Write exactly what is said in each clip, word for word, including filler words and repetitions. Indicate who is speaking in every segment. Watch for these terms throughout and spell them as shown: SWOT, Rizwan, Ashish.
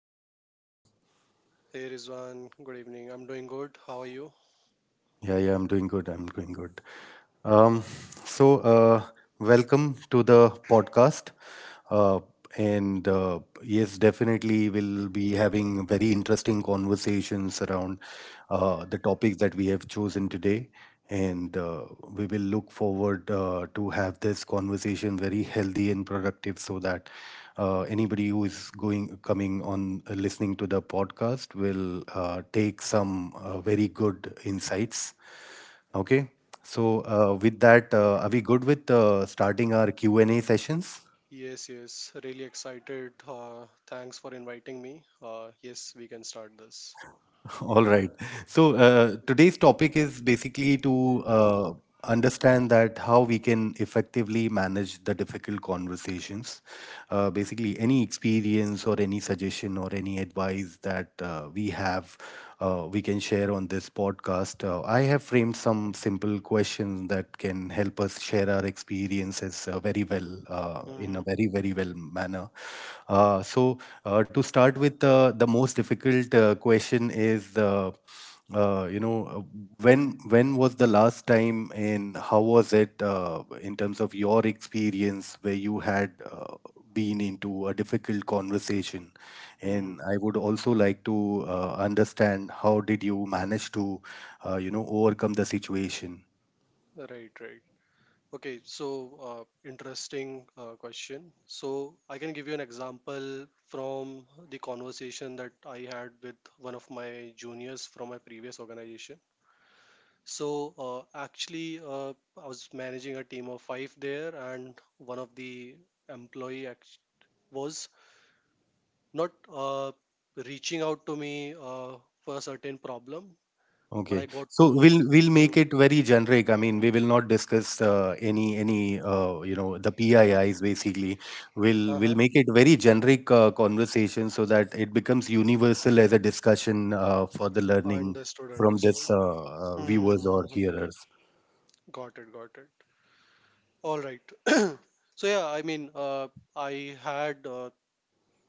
Speaker 1: How are you doing?
Speaker 2: Hey Rizwan, good evening. I'm doing good. How are you?
Speaker 1: Yeah, yeah, I'm doing good. I'm doing good. Um, so, uh, welcome to the podcast. Uh, and uh, yes, definitely we'll be having very interesting conversations around uh, the topics that we have chosen today. and uh, we will look forward uh, to have this conversation very healthy and productive, so that uh, anybody who is going coming on uh, listening to the podcast will uh, take some uh, very good insights. Okay. So, uh, with that, uh, are we good with uh, starting our q&a sessions?
Speaker 2: Yes, yes, really excited. Uh, thanks for inviting me. Uh, yes, we can start this.
Speaker 1: All right. So, uh, today's topic is basically to uh, understand that how we can effectively manage the difficult conversations. Uh, basically, any experience or any suggestion or any advice that uh, we have, uh, we can share on this podcast. Uh, I have framed some simple questions that can help us share our experiences uh, very well, uh, in
Speaker 2: Mm-hmm.
Speaker 1: a very very well manner. Uh, so uh, to start with, uh, the most difficult uh, question is. Uh, uh, you know, uh, when when was the last time, and how was it uh, in terms of your experience where you had uh, been into a difficult conversation?
Speaker 2: Mm-hmm.
Speaker 1: And I would also like to uh, understand, how did you manage to, uh, you know, overcome the situation?
Speaker 2: Right, right. Okay, so uh, interesting uh, question. So I can give you an example from the conversation that I had with one of my juniors from my previous organization. So uh, actually, uh, I was managing a team of five there, and one of the employee act- was not uh, reaching out to me uh, for a certain problem, but I
Speaker 1: Okay.
Speaker 2: got
Speaker 1: So
Speaker 2: to.
Speaker 1: we'll we'll
Speaker 2: Hmm,
Speaker 1: make it very generic. I mean, we will not discuss uh, any any uh, you know the P I Is, basically. We'll we'll
Speaker 2: uh-huh.
Speaker 1: make it very generic uh, conversation, so that it becomes universal as a discussion uh, for the learning
Speaker 2: Understood,
Speaker 1: from this
Speaker 2: understood.
Speaker 1: uh,
Speaker 2: Hmm,
Speaker 1: uh,
Speaker 2: hmm,
Speaker 1: viewers
Speaker 2: hmm,
Speaker 1: or
Speaker 2: hmm. hmm.
Speaker 1: hearers.
Speaker 2: Got it, got it. All right. So yeah, I mean, uh, I had uh,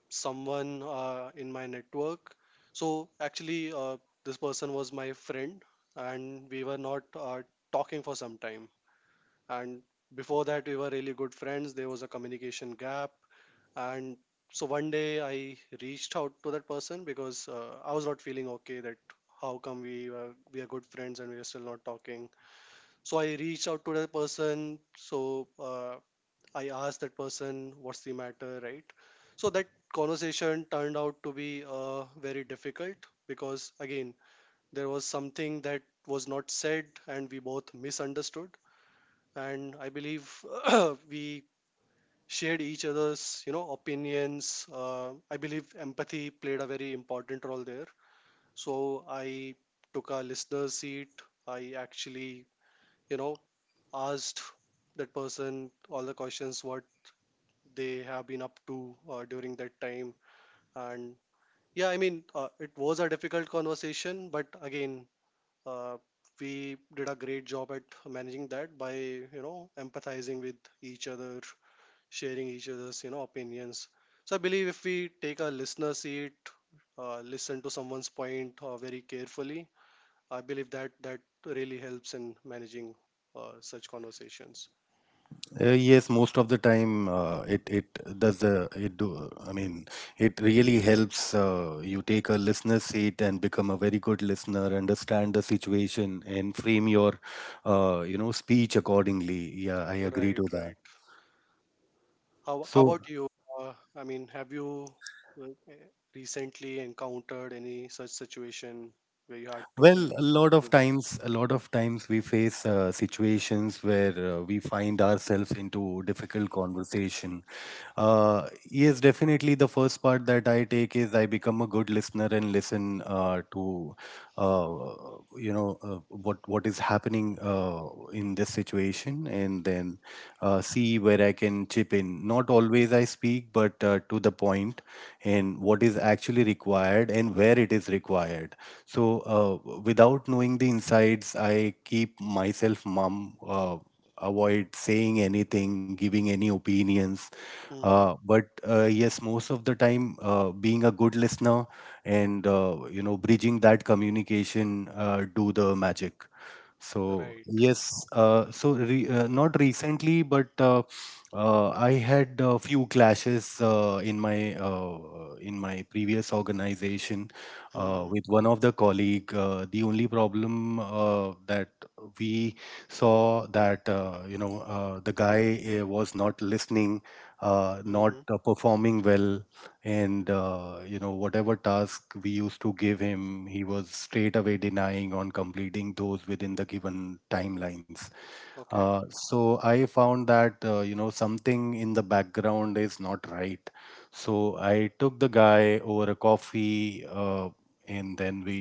Speaker 2: someone uh, in my network. So actually, uh, this person was my friend, and we were not uh, talking for some time. And before that, we were really good friends. There was a communication gap, and so one day I reached out to that person because uh, I was not feeling okay that how come we were, we are good friends and we are still not talking. So I reached out to that person. So uh, I asked that person what's the matter, right? So that conversation turned out to be uh, very difficult because again there was something that was not said and we both misunderstood. And I believe we shared each other's you know opinions. uh, I believe empathy played a very important role there. So I took a listener's seat. I actually, you know asked that person all the questions what they have been up to uh, during that time. And yeah, i mean uh, it was a difficult conversation, but again, uh, we did a great job at managing that by you know empathizing with each other, sharing each other's you know opinions. So I believe if we take a listener seat, uh, listen to someone's point uh, very carefully, I believe that that really helps in managing uh, such conversations.
Speaker 1: Uh, yes, most of the time uh, it it does the it do. I mean, it really helps uh, you take a listener seat and become a very good listener, understand the situation, and frame your uh, you know speech accordingly. Yeah, I agree
Speaker 2: Right,
Speaker 1: to that.
Speaker 2: right. How how
Speaker 1: So,
Speaker 2: about you? Uh, I mean, have you uh, recently encountered any such situation where you had to deal
Speaker 1: well, a lot of
Speaker 2: with?
Speaker 1: times, a lot of times we face uh, situations where uh, we find ourselves into difficult conversation. Uh, yes, definitely. The first part that I take is I become a good listener and listen uh, to, uh, you know uh, what what is happening uh, in this situation, and then uh, see where I can chip in. Not always I speak, but uh, to the point, and what is actually required and where it is required. So uh, without knowing the insides, I keep myself mum. Uh, avoid saying anything, giving any opinions,
Speaker 2: Mm-hmm.
Speaker 1: uh, but uh, yes, most of the time, uh, being a good listener and uh, you know bridging that communication uh, do the magic. So
Speaker 2: Right.
Speaker 1: yes, uh, so re uh, not recently, but uh, uh, I had a few clashes uh, in my uh, in my previous organization uh,
Speaker 2: Mm-hmm.
Speaker 1: with one of the colleague. Uh, the only problem uh, that we saw, that uh, you know uh, the guy uh, was not listening, uh, not
Speaker 2: Mm-hmm.
Speaker 1: uh, performing well, and uh, you know whatever task we used to give him, he was straight away denying on completing those within the given timelines.
Speaker 2: Okay.
Speaker 1: Uh, so I found that uh, you know something in the background is not right. So I took the guy over a coffee, uh, and then we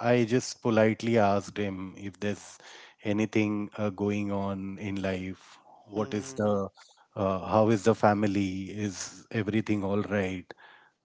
Speaker 1: I just politely asked him if there's anything uh, going on in life, what is
Speaker 2: Mm-hmm.
Speaker 1: the
Speaker 2: Mm-hmm.
Speaker 1: uh, how is the family, is everything all right?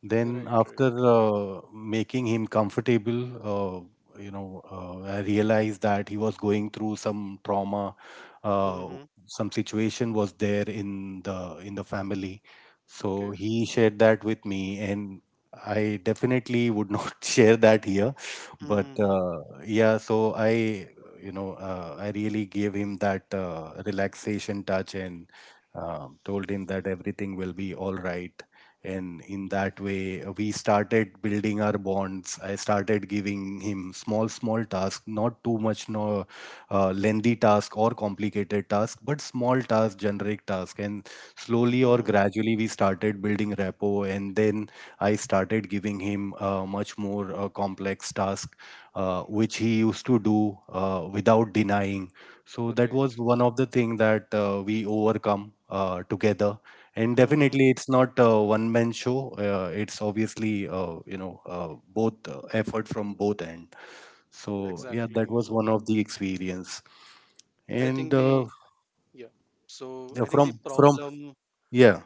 Speaker 1: Then,
Speaker 2: Right, right.
Speaker 1: after uh, making him comfortable, uh, you know, uh, I realized that he was going through some trauma. Uh,
Speaker 2: Mm-hmm.
Speaker 1: some situation was there in the in the family, so
Speaker 2: Okay.
Speaker 1: he shared that with me, and I definitely would not share that here. But
Speaker 2: Mm-hmm.
Speaker 1: uh, yeah, so I, you know, uh, I really gave him that uh, relaxation touch, and um told him that everything will be all right, and in that way uh, we started building our bonds. I started giving him small small tasks, not too much. No uh, lengthy task or complicated task, but small task, generic task, and slowly or
Speaker 2: Mm-hmm.
Speaker 1: gradually we started building repo. And then I started giving him uh, much more uh, complex task, uh, which he used to do uh, without denying. So that
Speaker 2: Right.
Speaker 1: was one of the thing that uh, we overcome uh, together. And
Speaker 2: Mm-hmm.
Speaker 1: definitely, it's not a one-man show. Uh, it's obviously, uh, you know, uh, both uh, effort from both end. So yeah, that
Speaker 2: Exactly.
Speaker 1: was one of the experience.
Speaker 2: I
Speaker 1: And
Speaker 2: think
Speaker 1: uh,
Speaker 2: the yeah. So
Speaker 1: yeah,
Speaker 2: I think the
Speaker 1: from from
Speaker 2: problem
Speaker 1: yeah,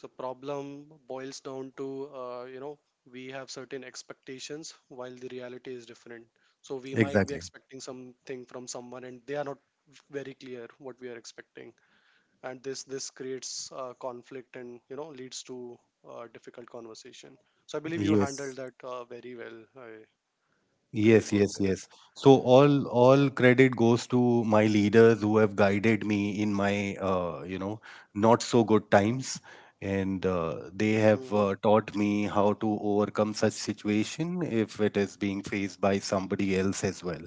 Speaker 2: so problem boils down to, uh, you know we have certain expectations while the reality is different. So we might be
Speaker 1: exactly.
Speaker 2: expecting something from someone and they are not very clear what we are expecting, and this this creates uh, conflict and you know leads to uh, difficult conversation. So I believe you
Speaker 1: Yes,
Speaker 2: handled that uh, very well. I, great
Speaker 1: yes,
Speaker 2: work
Speaker 1: yes,
Speaker 2: there.
Speaker 1: yes. So all all credit goes to my leaders who have guided me in my uh, you know not so good times, and uh, they have
Speaker 2: Mm-hmm.
Speaker 1: uh, taught me how to overcome such situation if it is being faced by somebody else as well.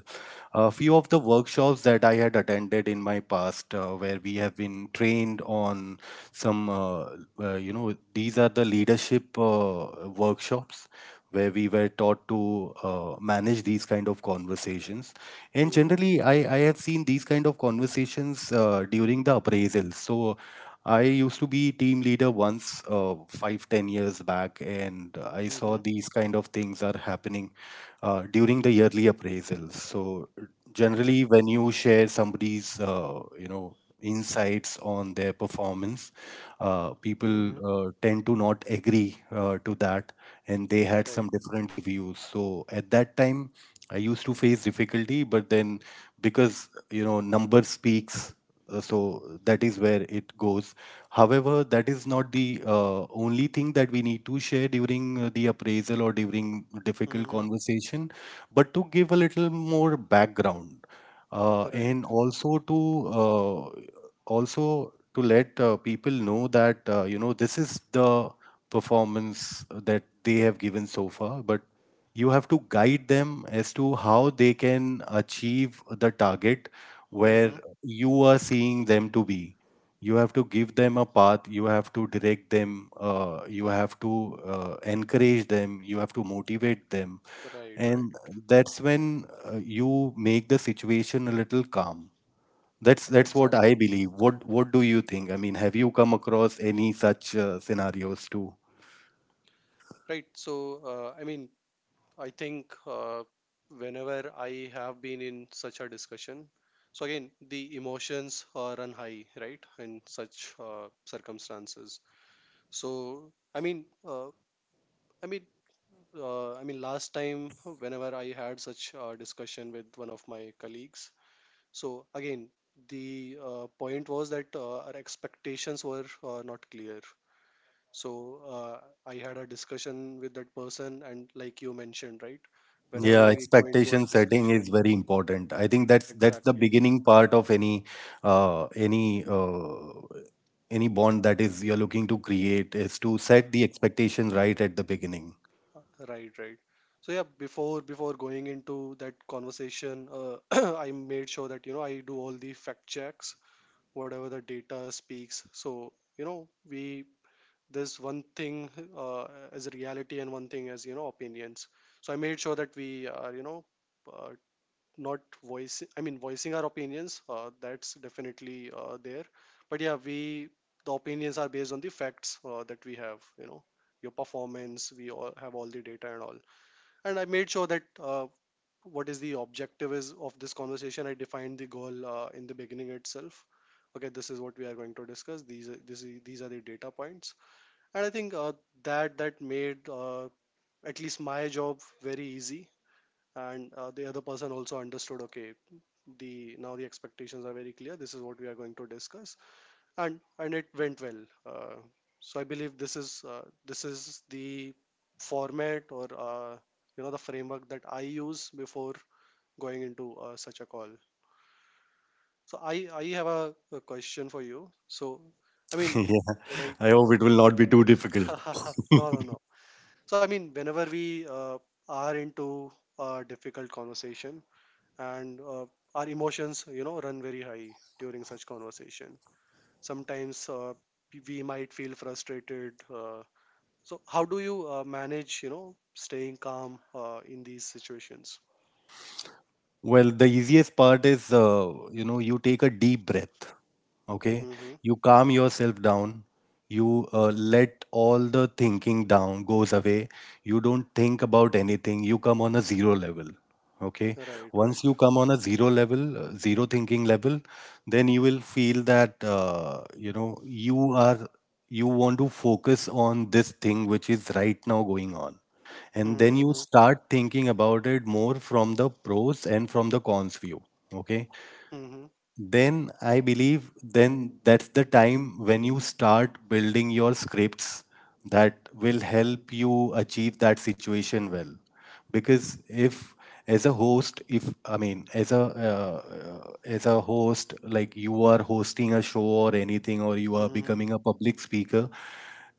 Speaker 1: A few of the workshops that I had attended in my past, uh, where we have been trained on some, uh, uh, you know these are the leadership uh, workshops where we were taught to uh, manage these kind of conversations, and
Speaker 2: Mm-hmm.
Speaker 1: generally i i have seen these kind of conversations uh, during the appraisals. So I used to be team leader once, uh, five ten years back, and I saw
Speaker 2: Mm-hmm.
Speaker 1: these kind of things are happening uh, during the yearly appraisals. So
Speaker 2: Okay.
Speaker 1: generally when you share somebody's uh, you know insights on their performance, uh,
Speaker 2: Mm-hmm.
Speaker 1: people uh, tend to not agree uh, to that, and they had
Speaker 2: Right.
Speaker 1: some different views. So at that time, I used to face difficulty, but then, because you know number speaks, uh, so that is where it goes. However, that is not the uh, only thing that we need to share during uh, the appraisal or during difficult
Speaker 2: Mm-hmm.
Speaker 1: conversation, but to give a little more background, uh, and
Speaker 2: Right.
Speaker 1: also to uh, also to let uh, people know that uh, you know this is the performance that they have given so far, but you have to guide them as to how they can achieve the target where
Speaker 2: Mm-hmm.
Speaker 1: you are seeing them to be. You have to give them a path, you have to direct them, uh, you have to uh, encourage them, you have to motivate them.
Speaker 2: Right.
Speaker 1: And
Speaker 2: Right.
Speaker 1: that's when uh, you make the situation a little calm. That's that's what I
Speaker 2: Exactly.
Speaker 1: believe. What what do you think? I mean, have you come across any such uh, scenarios too?
Speaker 2: Right. So, uh, I mean, I think uh, whenever I have been in such a discussion, so again, the emotions uh, run high, right, in such uh, circumstances. So, I mean, uh, I mean, uh, I mean, last time whenever I had such a discussion with one of my colleagues, so again, the uh, point was that uh, our expectations were uh, not clear. So uh, I had a discussion with that person, and like you mentioned, right? Whenever
Speaker 1: Yeah,
Speaker 2: we go into a
Speaker 1: expectation setting
Speaker 2: discussion,
Speaker 1: is very important. I think that's that's the
Speaker 2: exactly,
Speaker 1: beginning part of any uh, any uh, any bond that is you're looking to create is to set the expectation right at the beginning.
Speaker 2: Uh, right, right. So yeah, before before going into that conversation, uh, I made sure that you know I do all the fact checks, whatever the data speaks. So you know we, there's one thing uh, as reality and one thing as you know opinions. So I made sure that we are you know uh, not voice I mean voicing our opinions. Uh, that's definitely uh, there, but yeah, we, the opinions are based on the facts uh, that we have, you know, your performance, we all have all the data and all. And I made sure that uh, what is the objective is of this conversation. I defined the goal uh, in the beginning itself. Okay, this is what we are going to discuss. These are, this is, these are the data points. And I think uh, that that made uh, at least my job very easy. And uh, the other person also understood, okay, the now the expectations are very clear, this is what we are going to discuss. and and it went well. uh, so I believe this is uh, this is the format or, uh, you know, the framework that I use before going into uh, such a call. So i i have a, a question for you. so i mean
Speaker 1: Yeah,
Speaker 2: right.
Speaker 1: I hope it will not be too difficult.
Speaker 2: No, no, no. So I mean, whenever we uh, are into a difficult conversation and uh, our emotions you know run very high during such conversation, sometimes uh, we might feel frustrated. Uh, so how do you uh, manage you know staying calm uh, in these situations?
Speaker 1: Well, the easiest part is, uh, you know you take a deep breath. Okay.
Speaker 2: Mm-hmm.
Speaker 1: You calm yourself down, you uh, let all the thinking down goes away, you don't think about anything, you come on a zero level. Okay.
Speaker 2: Right,
Speaker 1: Once
Speaker 2: right.
Speaker 1: you come on a zero level, uh, zero thinking level, then you will feel that uh, you know you are you want to focus on this thing which is right now going on, and then you
Speaker 2: Mm-hmm.
Speaker 1: start thinking about it more from the pros and from the cons view. Okay.
Speaker 2: Mm-hmm.
Speaker 1: Then I believe, then that's the time when you start building your scripts that will help you achieve that situation well. Because if as a host, if I mean as a uh, uh, as a host, like you are hosting a show or anything, or you are
Speaker 2: Mm-hmm.
Speaker 1: becoming a public speaker,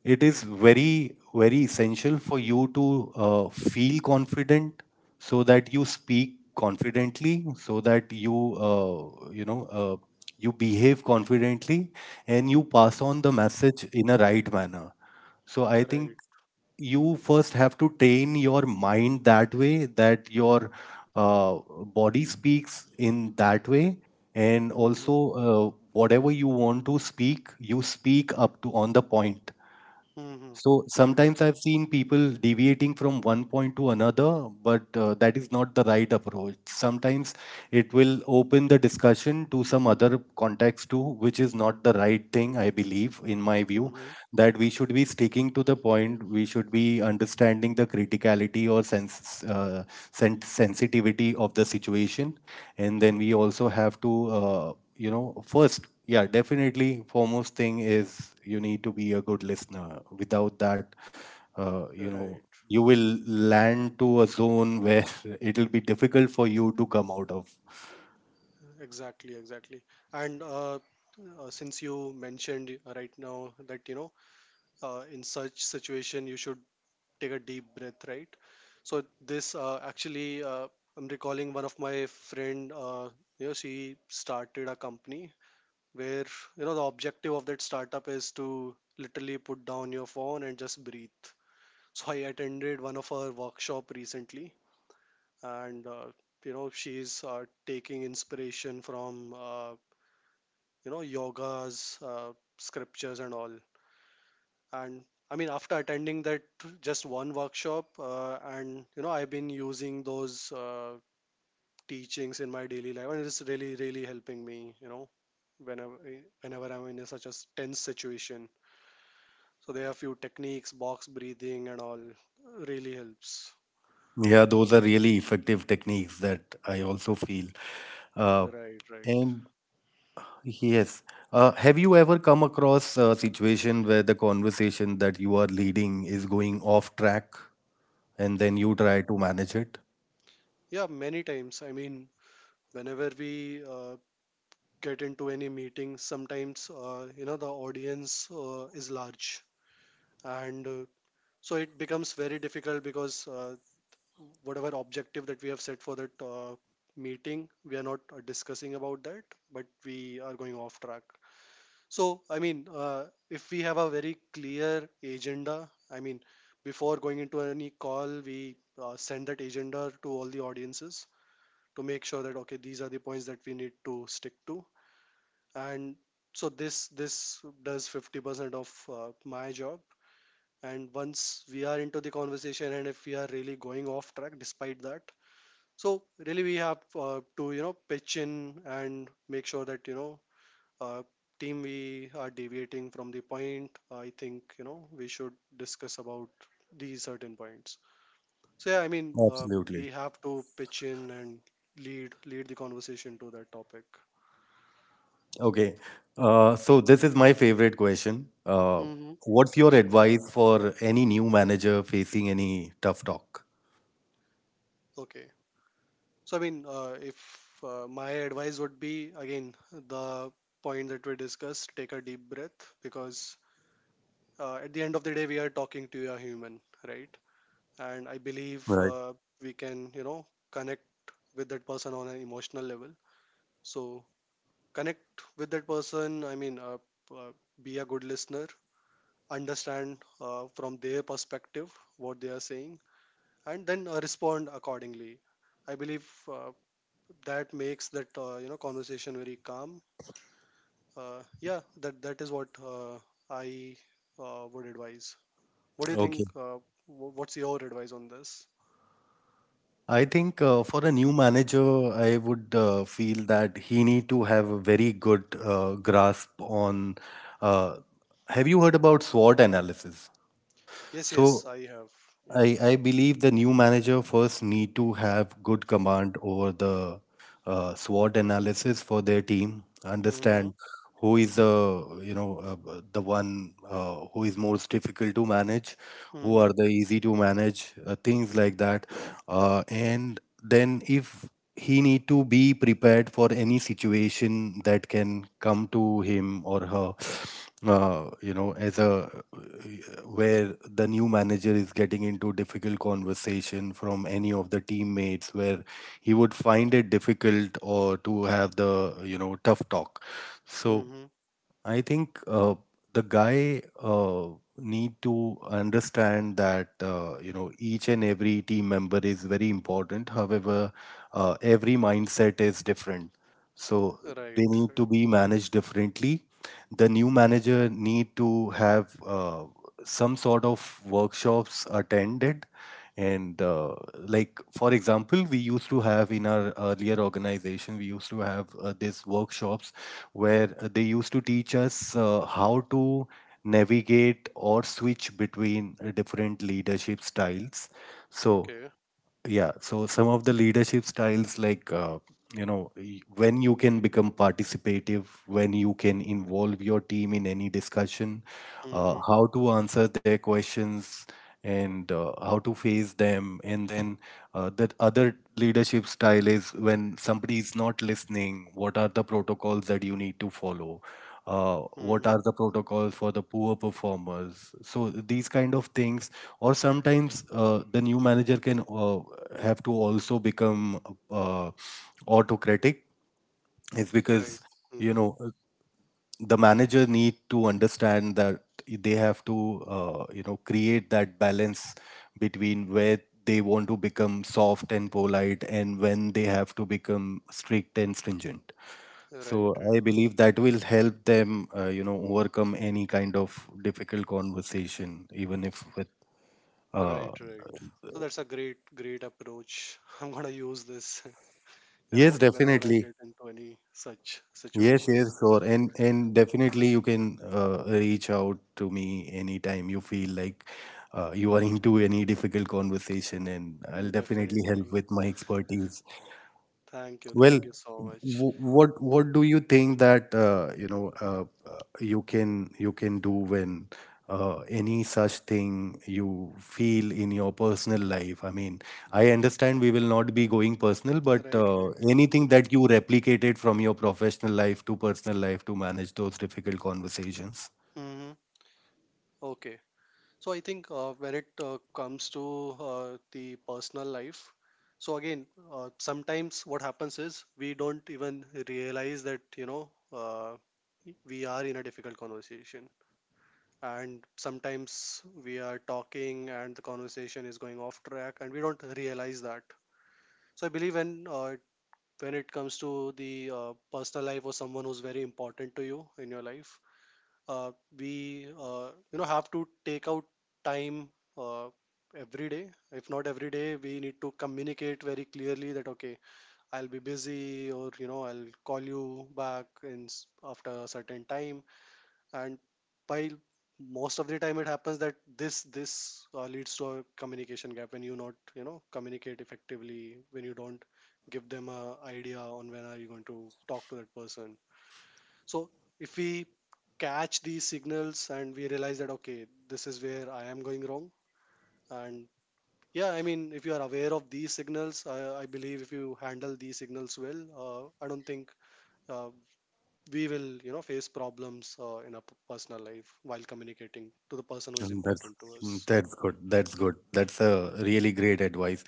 Speaker 1: it is very very essential for you to uh, feel confident, so that you speak confidently, so that you uh, you know uh, you behave confidently, and you pass on the message in a right manner. So I think
Speaker 2: Right.
Speaker 1: you first have to train your mind that way, that your uh, body speaks in that way, and also,
Speaker 2: Mm-hmm.
Speaker 1: uh, whatever you want to speak, you speak up to on the point.
Speaker 2: Mm-hmm.
Speaker 1: So
Speaker 2: Right.
Speaker 1: sometimes I've seen people deviating from one point to another, but uh, that is not the right approach. Sometimes it will open the discussion to some other context too, which is not the right thing, I believe, in my view,
Speaker 2: Mm-hmm.
Speaker 1: that we should be sticking to the point. We should be understanding the criticality or sens- uh, sen- sensitivity of the situation. And then we also have to, uh, you know, first, yeah, definitely. Foremost thing is you need to be a good listener. Without that, uh, you know,
Speaker 2: Right.
Speaker 1: you will land to a zone where it'll be difficult for you to come out of.
Speaker 2: Exactly, exactly. And uh, uh, since you mentioned uh, right now that you know uh, in such situation you should take a deep breath, right? So this uh, actually uh, I'm recalling one of my friend. Uh, you know, she started a company where you know the objective of that startup is to literally put down your phone and just breathe. So I attended one of her workshop recently. And uh, you know she's uh, taking inspiration from, uh, you know, yoga's uh, scriptures and all. And I mean, after attending that just one workshop, uh, and you know I've been using those uh, teachings in my daily life, and it's really really helping me, you know, whenever, whenever I'm in a such a s- tense situation. So there are a few techniques, box breathing and all, really helps.
Speaker 1: Yeah, those are really effective techniques that I also feel. Uh,
Speaker 2: Right, right.
Speaker 1: and yes, uh, have you ever come across a situation where the conversation that you are leading is going off track, and then you try to manage it?
Speaker 2: Yeah, many times. I mean, whenever we uh, get into any meeting, sometimes uh, you know the audience uh, is large, and uh, so it becomes very difficult because uh, whatever objective that we have set for that uh, meeting, we are not uh, discussing about that, but we are going off track. So I mean, uh, if we have a very clear agenda, I mean, before going into any call, we uh, send that agenda to all the audiences to make sure that okay, these are the points that we need to stick to. And so this this does fifty percent of uh, my job. And once we are into the conversation and if we are really going off track despite that, so really, we have uh, to you know pitch in and make sure that you know, uh, team, we are deviating from the point. I think you know we should discuss about these certain points. So yeah, I mean, uh,
Speaker 1: Absolutely.
Speaker 2: we have to pitch in and lead lead the conversation to that topic.
Speaker 1: Okay. Uh, so this is my favorite question. Uh,
Speaker 2: Hmm.
Speaker 1: what's your advice for any new manager facing any tough talk?
Speaker 2: Okay. So I mean, uh, if uh, my advice would be again the point that we discussed, take a deep breath, because uh, at the end of the day, we are talking to a human, right? And I believe
Speaker 1: Right.
Speaker 2: uh, we can you know connect with that person on an emotional level. So connect with that person. I mean uh, uh, be a good listener, understand uh, from their perspective what they are saying, and then uh, respond accordingly. I believe uh, that makes that uh, you know conversation very calm. uh, yeah, that that is what uh, i uh, would advise. What do you
Speaker 1: Okay.
Speaker 2: think, uh, wh- what's your advice on this?
Speaker 1: I think uh, for a new manager, I would uh, feel that he need to have a very good uh, grasp on. Uh, have you heard about SWOT analysis?
Speaker 2: Yes, yes,
Speaker 1: So
Speaker 2: I have. Yeah.
Speaker 1: I, I believe the new manager first need to have good command over the uh, SWOT analysis for their team.
Speaker 2: Mm-hmm.
Speaker 1: Understand who is the you know uh, the one uh, who is most difficult to manage, who
Speaker 2: Mhm.
Speaker 1: are the easy to manage, uh, things like that. Uh, and then if he need to be prepared for any situation that can come to him or her uh, you know as a where the new manager is getting into difficult conversation from any of the teammates where he would find it difficult or to have the you know tough talk, so
Speaker 2: Mhm.
Speaker 1: I think uh, the guy uh, need to understand that uh, you know each and every team member is very important. However, uh, every mindset is different, so
Speaker 2: Right. Right.
Speaker 1: they need to be managed differently. The new manager need to have uh, some sort of workshops attended and uh, like for example we used to have in our earlier organization we used to have uh, these workshops where uh, they used to teach us uh, how to navigate or switch between uh, different leadership styles. So,
Speaker 2: Okay.
Speaker 1: yeah, so some of the leadership styles, like, uh, you know, y- when you can become participative, when you can involve your team in any discussion, uh,
Speaker 2: Mhm.
Speaker 1: how to answer their questions, and uh, how to face them. And then uh, that other leadership style is when somebody is not listening, what are the protocols that you need to follow? Uh, what
Speaker 2: Mhm.
Speaker 1: are the protocols for the poor performers? So these kind of things, or sometimes uh, the new manager can uh, have to also become uh, autocratic. It's
Speaker 2: Right.
Speaker 1: because you
Speaker 2: Mhm.
Speaker 1: know uh, the manager need to understand that they have to uh, you know create that balance between where they want to become soft and polite and when they have to become strict and stringent, so
Speaker 2: Right.
Speaker 1: I
Speaker 2: Right.
Speaker 1: believe that will help them uh, you know overcome any kind of difficult conversation even if with uh,
Speaker 2: Right. Right. So that's a great, great approach. I'm gonna use this, you
Speaker 1: Yes,
Speaker 2: know, whenever I
Speaker 1: definitely.
Speaker 2: get into any such
Speaker 1: Yes, yes,
Speaker 2: situation.
Speaker 1: sure. And and definitely you can uh, reach out to me anytime you feel like uh, you are into any difficult conversation, and I'll definitely help
Speaker 2: Definitely.
Speaker 1: with my expertise.
Speaker 2: Thank you.
Speaker 1: Well,
Speaker 2: Thank you so much.
Speaker 1: w- what what
Speaker 2: Mhm.
Speaker 1: do you think that uh, you know uh, uh, you can you can do when uh, any such thing you feel in your personal life? I mean, I understand we will not be going personal, but
Speaker 2: Right.
Speaker 1: uh,
Speaker 2: Right. Right.
Speaker 1: anything
Speaker 2: Mhm.
Speaker 1: that you replicated from your professional life to personal life to manage those difficult conversations.
Speaker 2: Mhm. Okay. So I think uh, when it uh, comes to uh, the personal life, so again, uh, sometimes what happens is we don't even realize that you know uh, we are in a difficult conversation, and sometimes we are talking and the conversation is going off track, and we don't realize that. So I believe when uh, when it comes to the uh, personal life or someone who's very important to you in your life, uh, we uh, you know have to take out time uh, every day. If not every day, we need to communicate very clearly that, okay, I'll be busy, or you know I'll call you back in s- after a certain time. And by most of the time it happens that this this uh, leads to a communication gap when you not you know communicate effectively, when you don't give them a idea on when are you going to talk to that person. So if we catch these signals and we realize that, okay, this is where I am going wrong, and yeah, I mean, if you are aware of these signals, I, I believe if you handle these signals well, uh, I don't think uh, we will, you know, face problems uh, in our p- personal life while communicating to the person who is
Speaker 1: Mm, That's
Speaker 2: important to
Speaker 1: mm,
Speaker 2: us.
Speaker 1: that's good. That's good. That's a really great advice.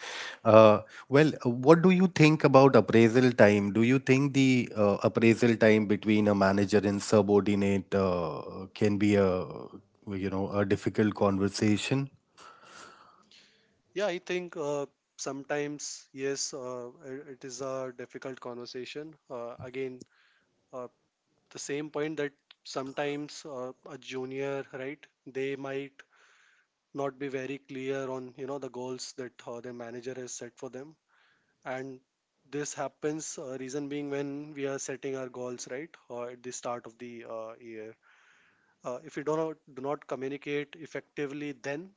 Speaker 1: Uh, well, uh, what do you think about appraisal time? Do you think the uh, appraisal time between a manager and subordinate uh, can be a you know a difficult conversation?
Speaker 2: Yeah, I think uh, sometimes yes, uh, it it is a difficult conversation. Uh, again, uh, the same point that sometimes uh, a junior, right, they might not be very clear on you know the goals that uh, their manager has set for them. And this happens, uh, reason being, when we are setting our goals right uh, at the start of the uh, year, uh, if we do not do not communicate effectively, then,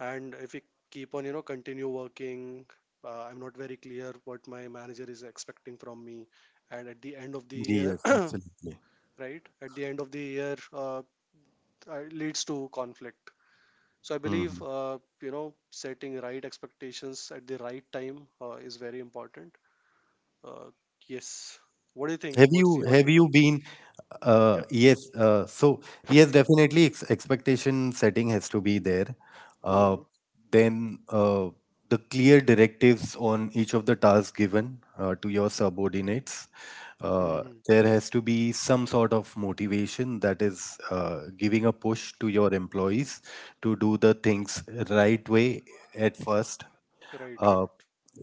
Speaker 2: and if we keep on you know continue working, uh, I'm not very clear what my manager is expecting from me, and at the end of the year
Speaker 1: Yes, absolutely.
Speaker 2: right at the end of the year, uh, uh, leads to conflict. So I believe
Speaker 1: Mm-hmm.
Speaker 2: uh, you know setting right expectations at the right time uh, is very important. Uh, yes. What do you
Speaker 1: Have
Speaker 2: think? What's
Speaker 1: you
Speaker 2: your
Speaker 1: have
Speaker 2: take
Speaker 1: you
Speaker 2: on
Speaker 1: been?
Speaker 2: that?
Speaker 1: Uh,
Speaker 2: Yeah.
Speaker 1: yes. Uh, so yes, definitely ex- expectation setting has to be there. Uh,
Speaker 2: Hmm.
Speaker 1: then uh, the clear directives on each of the tasks given uh, to your subordinates. Uh,
Speaker 2: Hmm.
Speaker 1: there has to be some sort of motivation that is uh, giving a push to your employees to do the things right way at first.
Speaker 2: Right.
Speaker 1: Uh,
Speaker 2: Right.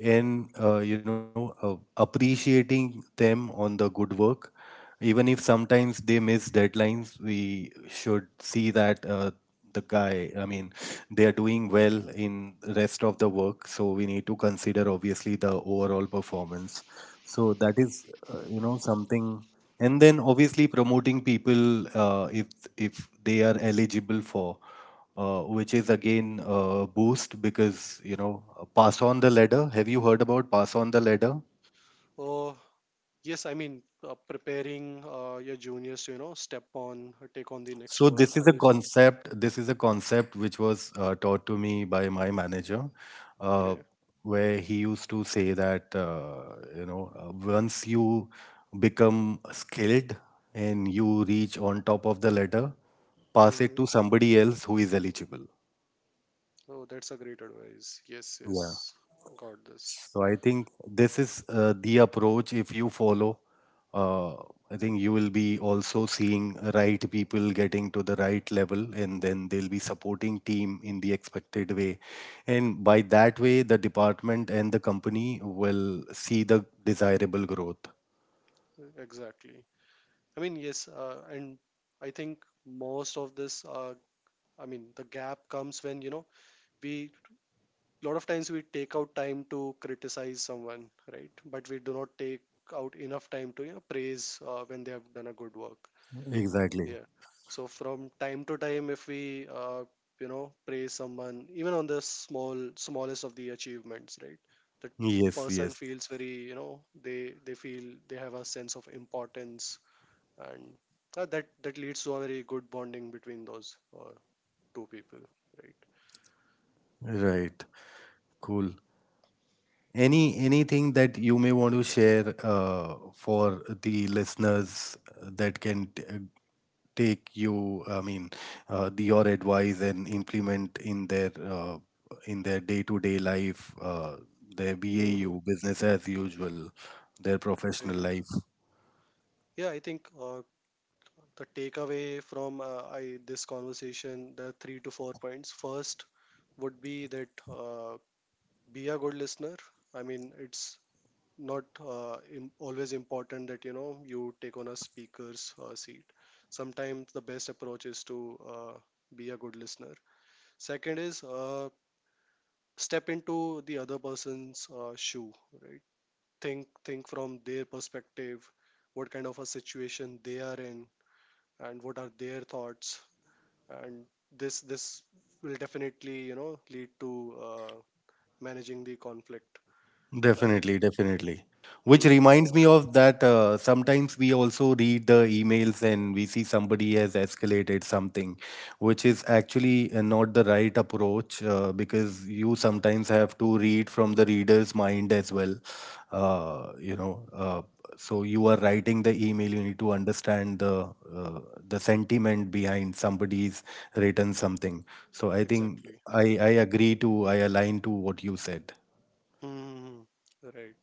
Speaker 1: and uh, you know uh, appreciating them on the good work, even if sometimes they miss deadlines we should see that uh, the guy, I mean, they are doing well in rest of the work, so we need to consider obviously the overall performance. So that is uh, you know something, and then obviously promoting people uh, if if they are eligible for uh, which is again a boost because you know uh, pass on the ladder, have you heard about pass on the ladder?
Speaker 2: Oh, yes. I mean, uh, preparing uh, your juniors to you know step on, uh, take on the
Speaker 1: So
Speaker 2: next role.
Speaker 1: this is
Speaker 2: Are
Speaker 1: a
Speaker 2: you
Speaker 1: concept. This is a concept which was uh, taught to me by my manager, uh,
Speaker 2: okay?
Speaker 1: where he used to say that uh, you know uh, once you become skilled and you reach on top of the ladder, pass
Speaker 2: Hmm.
Speaker 1: it to somebody else who is eligible.
Speaker 2: Oh, that's a great advice. Yes. Yes. Got this.
Speaker 1: So I think this is uh, the approach if you follow. Uh, I think you will be also seeing right people getting to the right level, and then they'll be supporting team in the expected way. And by that way, the department and the company will see the desirable growth.
Speaker 2: Exactly. I mean, yes. Uh, and I think most of this uh, I mean, the gap comes when, you know, we, a lot of times we take out time to criticize someone, right? But we do not take out enough time to, you know, praise uh, when they have done a good work.
Speaker 1: Exactly.
Speaker 2: Yeah. So from time to time, if we, uh, you know, praise someone, even on the small, smallest of the achievements, right? The
Speaker 1: Yes,
Speaker 2: person
Speaker 1: yes.
Speaker 2: feels very, you know, they, they feel they have a sense of importance, and uh, that, that leads to a very good bonding between those uh, two people, right?
Speaker 1: Right. Cool. Any anything that you may want to share uh, for the listeners that can t- take you, I mean, uh, the, your advice and implement in their uh, in their day-to-day life, uh, their
Speaker 2: Mm-hmm.
Speaker 1: bau business as usual, their professional
Speaker 2: Right.
Speaker 1: life.
Speaker 2: Yeah, I think uh, the takeaway from uh, I this conversation, the three to four points. First would be that uh, be a good listener. I mean, it's not uh, im always important that you know you take on a speaker's uh, seat. Sometimes the best approach is to uh, be a good listener. Second is, uh, step into the other person's uh, shoe, right? Think think from their perspective, what kind of a situation they are in and what are their thoughts. And this this will definitely you know lead to uh, managing the conflict. And
Speaker 1: Definitely, definitely. Which
Speaker 2: Mhm.
Speaker 1: reminds me of that uh, sometimes we also read the emails and we see somebody has escalated something, which is actually uh, not the right approach uh, because you sometimes have to read from the reader's mind as well. Uh, you know, uh, so you are writing the email, you need to understand the uh, the sentiment behind somebody's written something. So I think
Speaker 2: Exactly. Mm.
Speaker 1: I I agree to I align to what you said.
Speaker 2: Mhm. Right.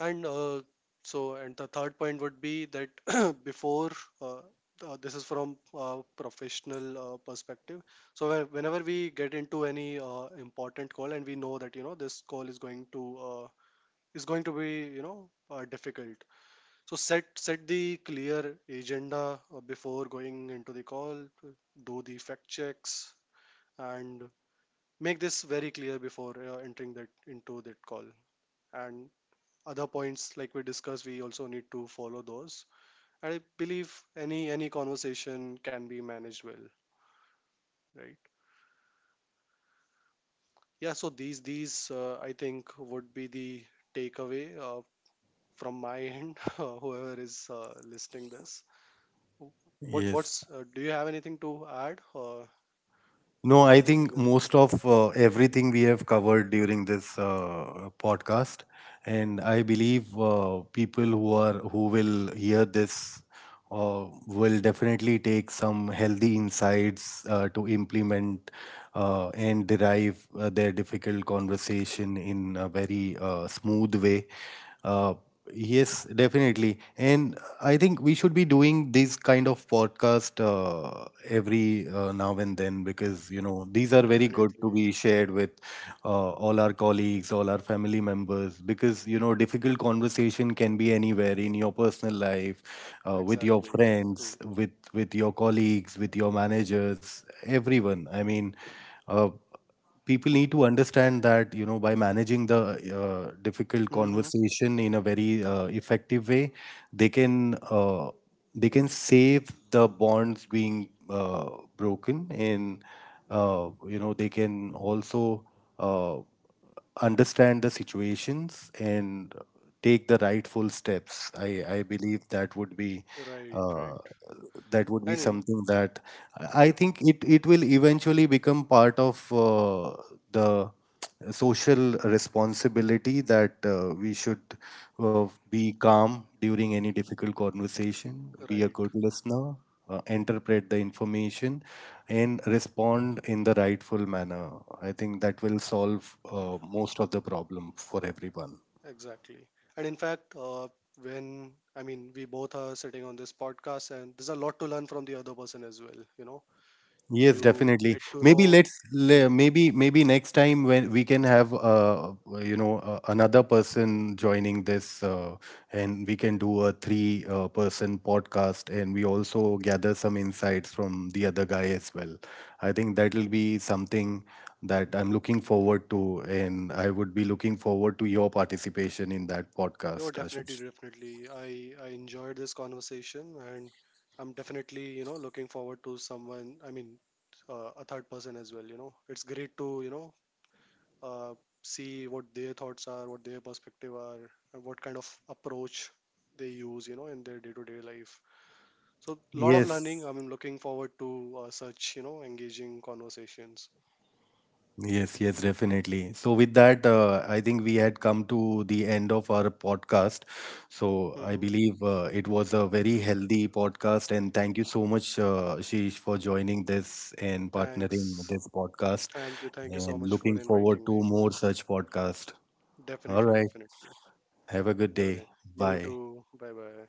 Speaker 2: And uh, so, and the third point would be that before uh, uh, this is from uh, professional uh, perspective. So when- whenever we get into any uh, important call and we know that you know this call is going to uh, is going to be you know uh, difficult, so set set the clear agenda uh, before going into the call. Do the fact checks and make this very clear before uh, entering that into that call. And other points like we discussed, we also need to follow those. And I believe any any conversation can be managed well, right? Yeah. So these these uh, I think would be the takeaway uh, from my end. Uh, Whoever is uh, listening this, what
Speaker 1: Yes.
Speaker 2: what's uh, do you have anything to add? Uh,
Speaker 1: No, I think
Speaker 2: Yes,
Speaker 1: most of uh, everything we have covered during this uh, podcast, and I believe uh, people who are who will hear this uh, will definitely take some healthy insights uh, to implement uh, and derive uh, their difficult conversation in a very uh, smooth way. Uh, yes, definitely, and I think we should be doing this kind of podcast uh, every uh, now and then, because you know these are very good to
Speaker 2: Definitely.
Speaker 1: be shared with uh, all our colleagues, all our family members, because, you know, difficult conversation can be anywhere in your personal life, uh, with your
Speaker 2: Exactly.
Speaker 1: friends,
Speaker 2: Hmm.
Speaker 1: with with your colleagues, with your managers, everyone. I mean, uh, people need to understand that you know by managing the uh, difficult
Speaker 2: Mm-hmm.
Speaker 1: conversation in a very uh, effective way, they can. Uh, they can save the bonds being uh, broken, and uh, you know they can also uh, understand the situations and take the rightful steps. I i believe that would be
Speaker 2: Right,
Speaker 1: uh,
Speaker 2: right.
Speaker 1: that would be
Speaker 2: And in,
Speaker 1: something that i I
Speaker 2: yep,
Speaker 1: think it it will eventually become part of uh, the social responsibility that uh, we should uh, be calm during any difficult conversation, be a
Speaker 2: right.
Speaker 1: good listener, uh, interpret the information, and respond in the rightful manner. I think that will solve uh, most of the problem for everyone.
Speaker 2: Exactly. And in fact, uh, when, I mean, we both are sitting on this podcast, and there's a lot to learn from the other person as well, you know.
Speaker 1: Yes,
Speaker 2: You
Speaker 1: definitely.
Speaker 2: get to
Speaker 1: Maybe
Speaker 2: know,
Speaker 1: let's le-
Speaker 2: mm,
Speaker 1: maybe maybe next time when we can have uh uh, you know uh, another person joining this uh, and we can do a three uh, person podcast, and we also gather some insights from the other guy as well. I think that will be something that I'm looking forward to, and I would be looking forward to your participation in that
Speaker 2: you're
Speaker 1: podcast,
Speaker 2: definitely,
Speaker 1: Ashush.
Speaker 2: definitely. I, I enjoyed this conversation, and I'm definitely, you know, looking forward to someone, I mean, uh, a third person as well, you know. It's great to, you know, uh, see what their thoughts are, what their perspective are, and what kind of approach they use, you know, in their day-to-day life. So, lot of learning.
Speaker 1: Yes.
Speaker 2: I'm looking forward to uh, such, you know, engaging conversations.
Speaker 1: Yes, yes, definitely. So, with that, uh, I think we had come to the end of our podcast. So, I
Speaker 2: Hmm.
Speaker 1: believe uh, it was a very healthy podcast. And thank you so much, uh, Sheesh, for joining this and partnering with
Speaker 2: Thanks.
Speaker 1: this podcast.
Speaker 2: Thank you. Thank you so
Speaker 1: And
Speaker 2: much for
Speaker 1: looking forward
Speaker 2: inviting
Speaker 1: to
Speaker 2: me.
Speaker 1: more such podcast. All
Speaker 2: Definitely,
Speaker 1: right.
Speaker 2: definitely.
Speaker 1: Have a good
Speaker 2: Okay.
Speaker 1: day.
Speaker 2: You
Speaker 1: Bye.
Speaker 2: too. Bye bye.